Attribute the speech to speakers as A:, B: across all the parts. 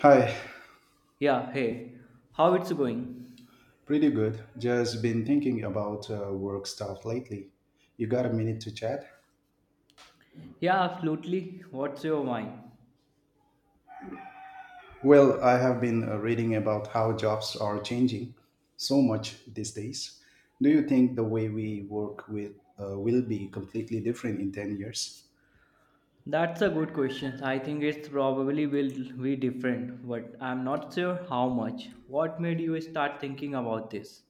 A: Hi,
B: Yeah, hey, how it's going?
A: pretty good. Just been thinking about work stuff lately. You got a minute to chat?
B: Yeah, absolutely. What's your wine?
A: Well, I have been reading about how jobs are changing so much these days. Do you think the way we work with will be completely different in 10 years?
B: That's a good question. I think it's probably will be different, but I'm not sure how much. What made you start thinking about this?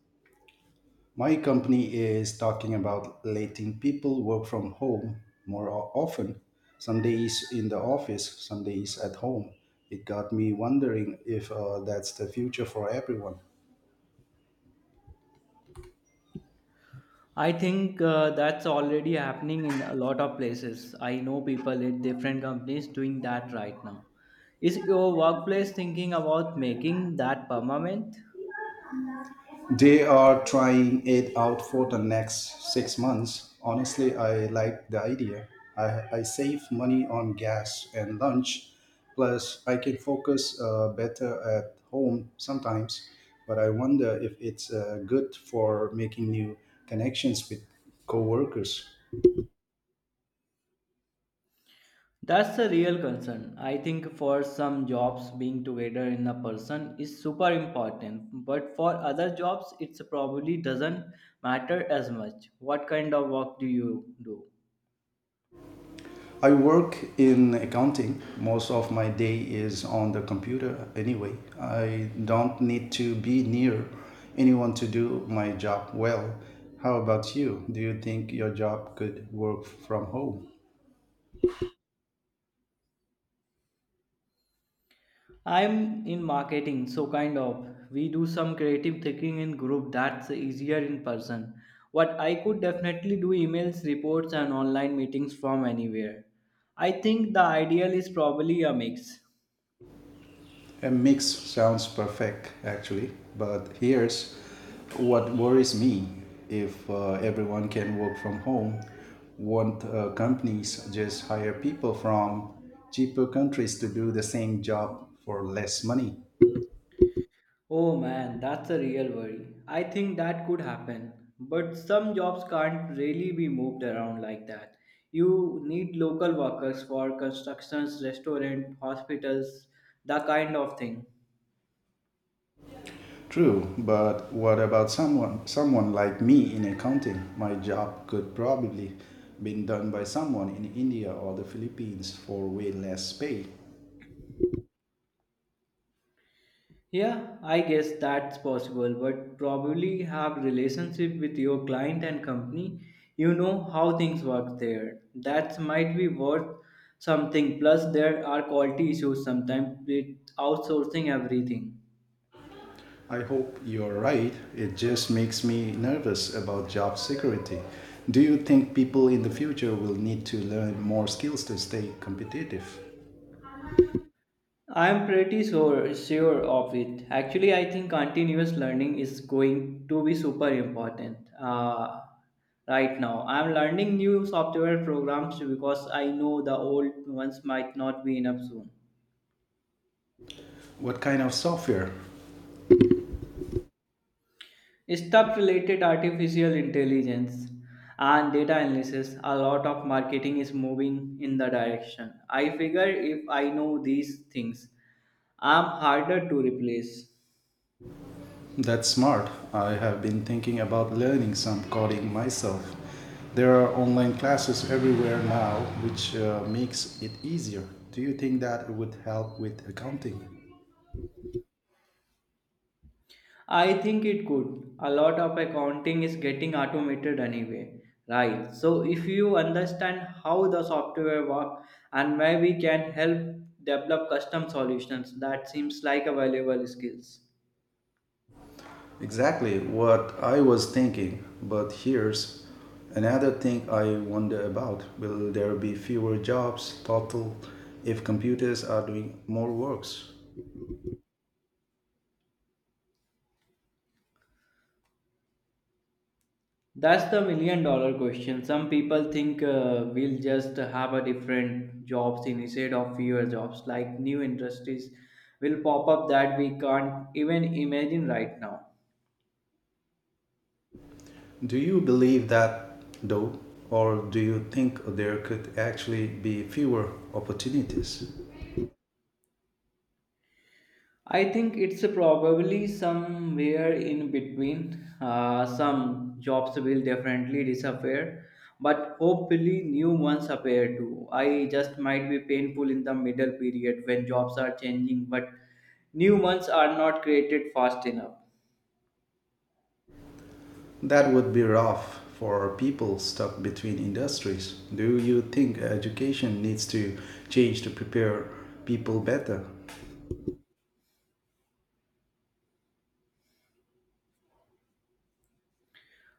A: My company is talking about letting people work from home more often, some days in the office, some days at home. It got me wondering if that's the future for everyone.
B: I think that's already happening in a lot of places. I know people at different companies doing that right now. Is your workplace thinking about making that permanent?
A: They are trying it out for the next 6 months. Honestly, I like the idea. I save money on gas and lunch, plus, I can focus better at home sometimes. But I wonder if it's good for making new connections with coworkers.
B: That's a real concern. I think for some jobs, being together in a person is super important, but for other jobs, it probably doesn't matter as much. What kind of work do you do?
A: I work in accounting. Most of my day is on the computer anyway. I don't need to be near anyone to do my job well. How about you? Do you think your job could work from home?
B: I'm in marketing, so kind of. We do some creative thinking in group that's easier in person. What I could definitely do emails, reports, and online meetings from anywhere. I think the ideal is probably a mix.
A: A mix sounds perfect, actually, but here's what worries me. If everyone can work from home, won't companies just hire people from cheaper countries to do the same job for less money?
B: Oh man, that's a real worry. I think that could happen, but some jobs can't really be moved around like that. You need local workers for constructions, restaurant, hospitals, that kind of thing.
A: True, but what about someone like me in accounting? My job could probably been done by someone in India or the Philippines for way less pay.
B: Yeah, I guess that's possible, but probably have relationship with your client and company. You know how things work there. That might be worth something. Plus, there are quality issues sometimes with outsourcing everything.
A: I hope you're right. It just makes me nervous about job security. Do you think people in the future will need to learn more skills to stay competitive?
B: I'm pretty sure of it. Actually, I think continuous learning is going to be super important right now. I'm learning new software programs because I know the old ones might not be enough soon.
A: What kind of software?
B: Stuff related artificial intelligence and data analysis, a lot of marketing is moving in the direction. I figure if I know these things, I'm harder to replace.
A: That's smart. I have been thinking about learning some coding myself. There are online classes everywhere now, which makes it easier. Do you think that would help with accounting?
B: I think it could. A lot of accounting is getting automated anyway, right? So if you understand how the software works and maybe can help develop custom solutions, that seems like a valuable skills.
A: Exactly what I was thinking. But here's another thing I wonder about. Will there be fewer jobs total if computers are doing more works?
B: That's the million dollar question. Some people think we'll just have a different jobs instead of fewer jobs, like new industries will pop up that we can't even imagine right now.
A: Do you believe that though? Or do you think there could actually be fewer opportunities?
B: I think it's probably somewhere in between. Some jobs will definitely disappear, but hopefully new ones appear too. I just might be painful in the middle period when jobs are changing, but new ones are not created fast enough.
A: That would be rough for people stuck between industries. Do you think education needs to change to prepare people better?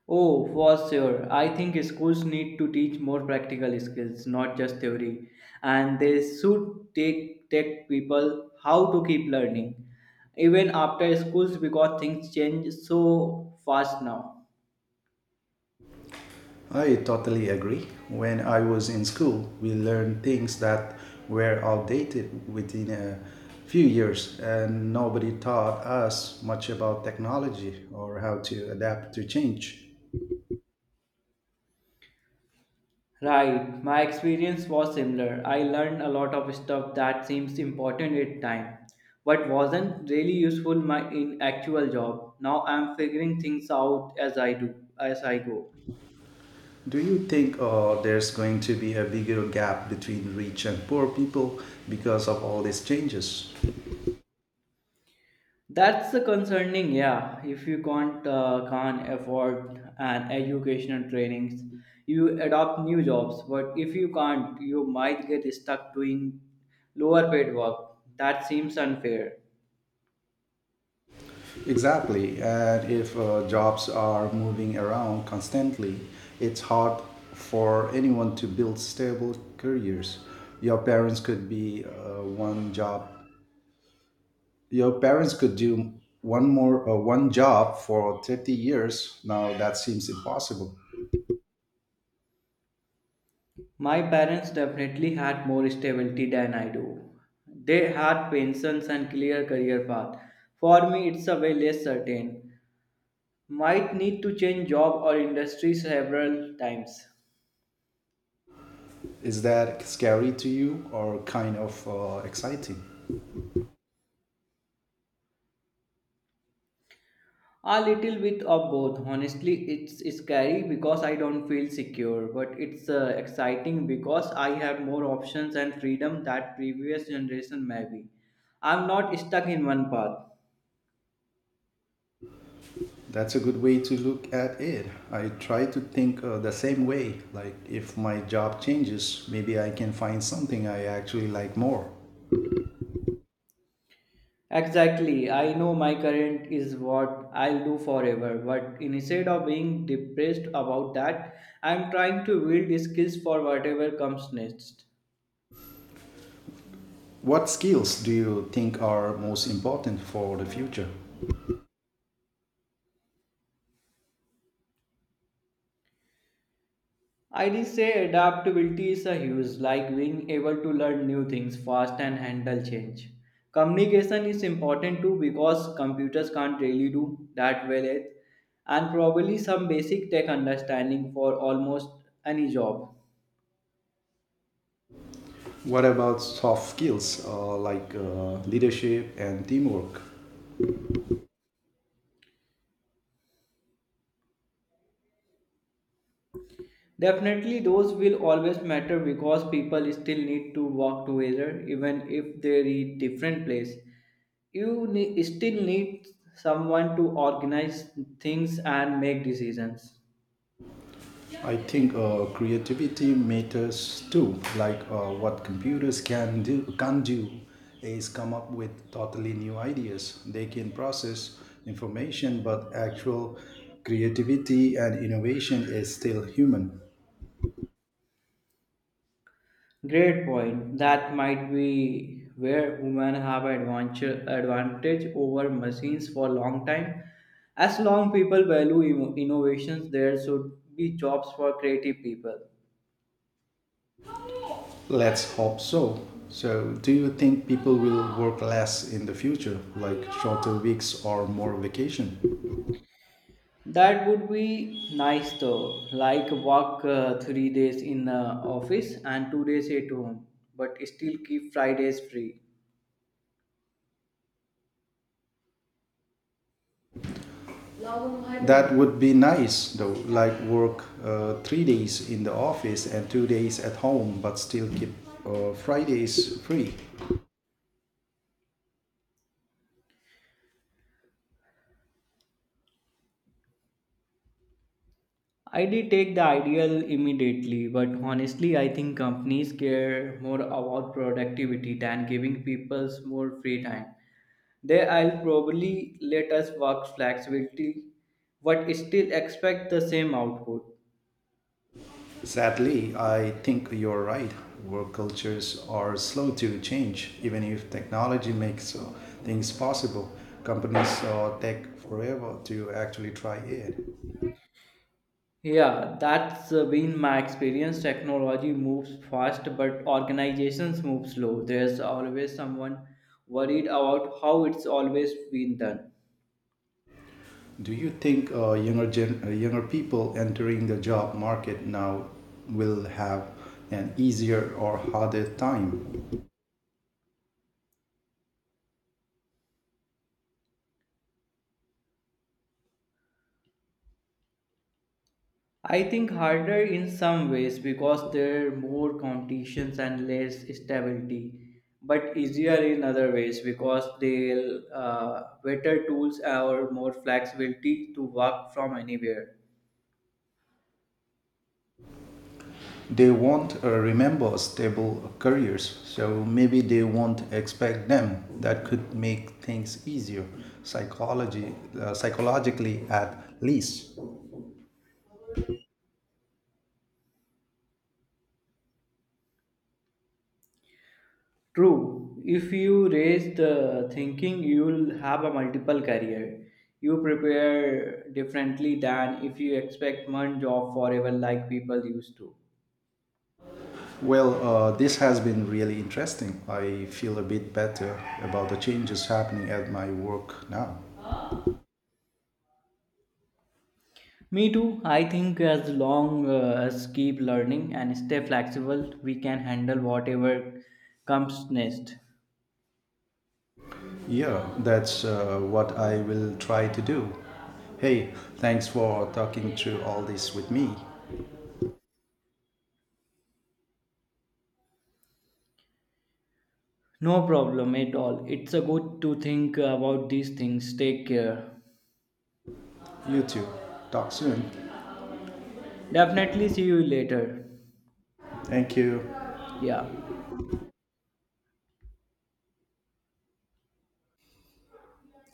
B: Oh, for sure. I think schools need to teach more practical skills, not just theory. And they should take tech people how to keep learning, even after schools, because things change so fast now.
A: I totally agree. When I was in school, we learned things that were outdated within a few years, and nobody taught us much about technology or how to adapt to change.
B: Right, my experience was similar. I learned a lot of stuff that seems important at time, but wasn't really useful my in actual job. Now I'm figuring things out as I do, as I go.
A: Do you think there's going to be a bigger gap between rich and poor people because of all these changes?
B: That's the concerning, yeah. If you can't afford an educational trainings, you adopt new jobs. But if you can't, you might get stuck doing lower paid work. That seems unfair.
A: Exactly. And if jobs are moving around constantly, it's hard for anyone to build stable careers. Your parents could be one job. Your parents could do one job for 30 years. Now that seems impossible.
B: My parents definitely had more stability than I do. They had pensions and clear career path. For me, it's a way less certain. Might need to change job or industry several times.
A: Is that scary to you or kind of exciting?
B: A little bit of both. Honestly, it's scary because I don't feel secure, but it's exciting because I have more options and freedom that previous generation maybe. I'm not stuck in one path.
A: That's a good way to look at it. I try to think the same way. Like, if my job changes, maybe I can find something I actually like more.
B: Exactly. I know my current is what I'll do forever, but instead of being depressed about that, I'm trying to build skills for whatever comes next.
A: What skills do you think are most important for the future?
B: I'd say adaptability is a huge, like being able to learn new things fast and handle change. Communication is important too because computers can't really do that well yet, and probably some basic tech understanding for almost any job.
A: What about soft skills like leadership and teamwork?
B: Definitely, those will always matter because people still need to work together even if they're in different place. Still need someone to organize things and make decisions.
A: I think creativity matters too. Like what computers can do is come up with totally new ideas. They can process information, but actual creativity and innovation is still human.
B: Great point. That might be where women have advantage over machines for a long time. As long people value innovations, there should be jobs for creative people.
A: Let's hope so. So, do you think people will work less in the future, like shorter weeks or more vacation?
B: That would be nice though, like work 3 days in the office and 2 days at home, but still keep Fridays free.
A: That would be nice though, like work 3 days in the office and 2 days at home, but still keep Fridays free.
B: I did take the ideal immediately, but honestly, I think companies care more about productivity than giving people more free time. They will probably let us work flexibility, but still expect the same output.
A: Sadly, I think you're right. Work cultures are slow to change, even if technology makes things possible. Companies take forever to actually try it.
B: Yeah, that's been my experience. Technology moves fast, but organizations move slow. There's always someone worried about how it's always been done.
A: Do you think younger younger people entering the job market now will have an easier or harder time?
B: I think harder in some ways because there are more competitions and less stability, but easier in other ways because they'll better tools or more flexibility to work from anywhere.
A: They won't remember stable careers, so maybe they won't expect them. That could make things easier psychology psychologically at least.
B: True, if you raise the thinking, you'll have a multiple career. You prepare differently than if you expect one job forever like people used to.
A: Well, this has been really interesting. I feel a bit better about the changes happening at my work now.
B: Me too. I think as long as keep learning and stay flexible, we can handle whatever comes next.
A: Yeah, that's what I will try to do. Hey, thanks for talking through all this with me.
B: No problem at all. It's a good to think about these things. Take care.
A: You too. Talk soon.
B: Definitely see you later.
A: Thank you.
B: Yeah.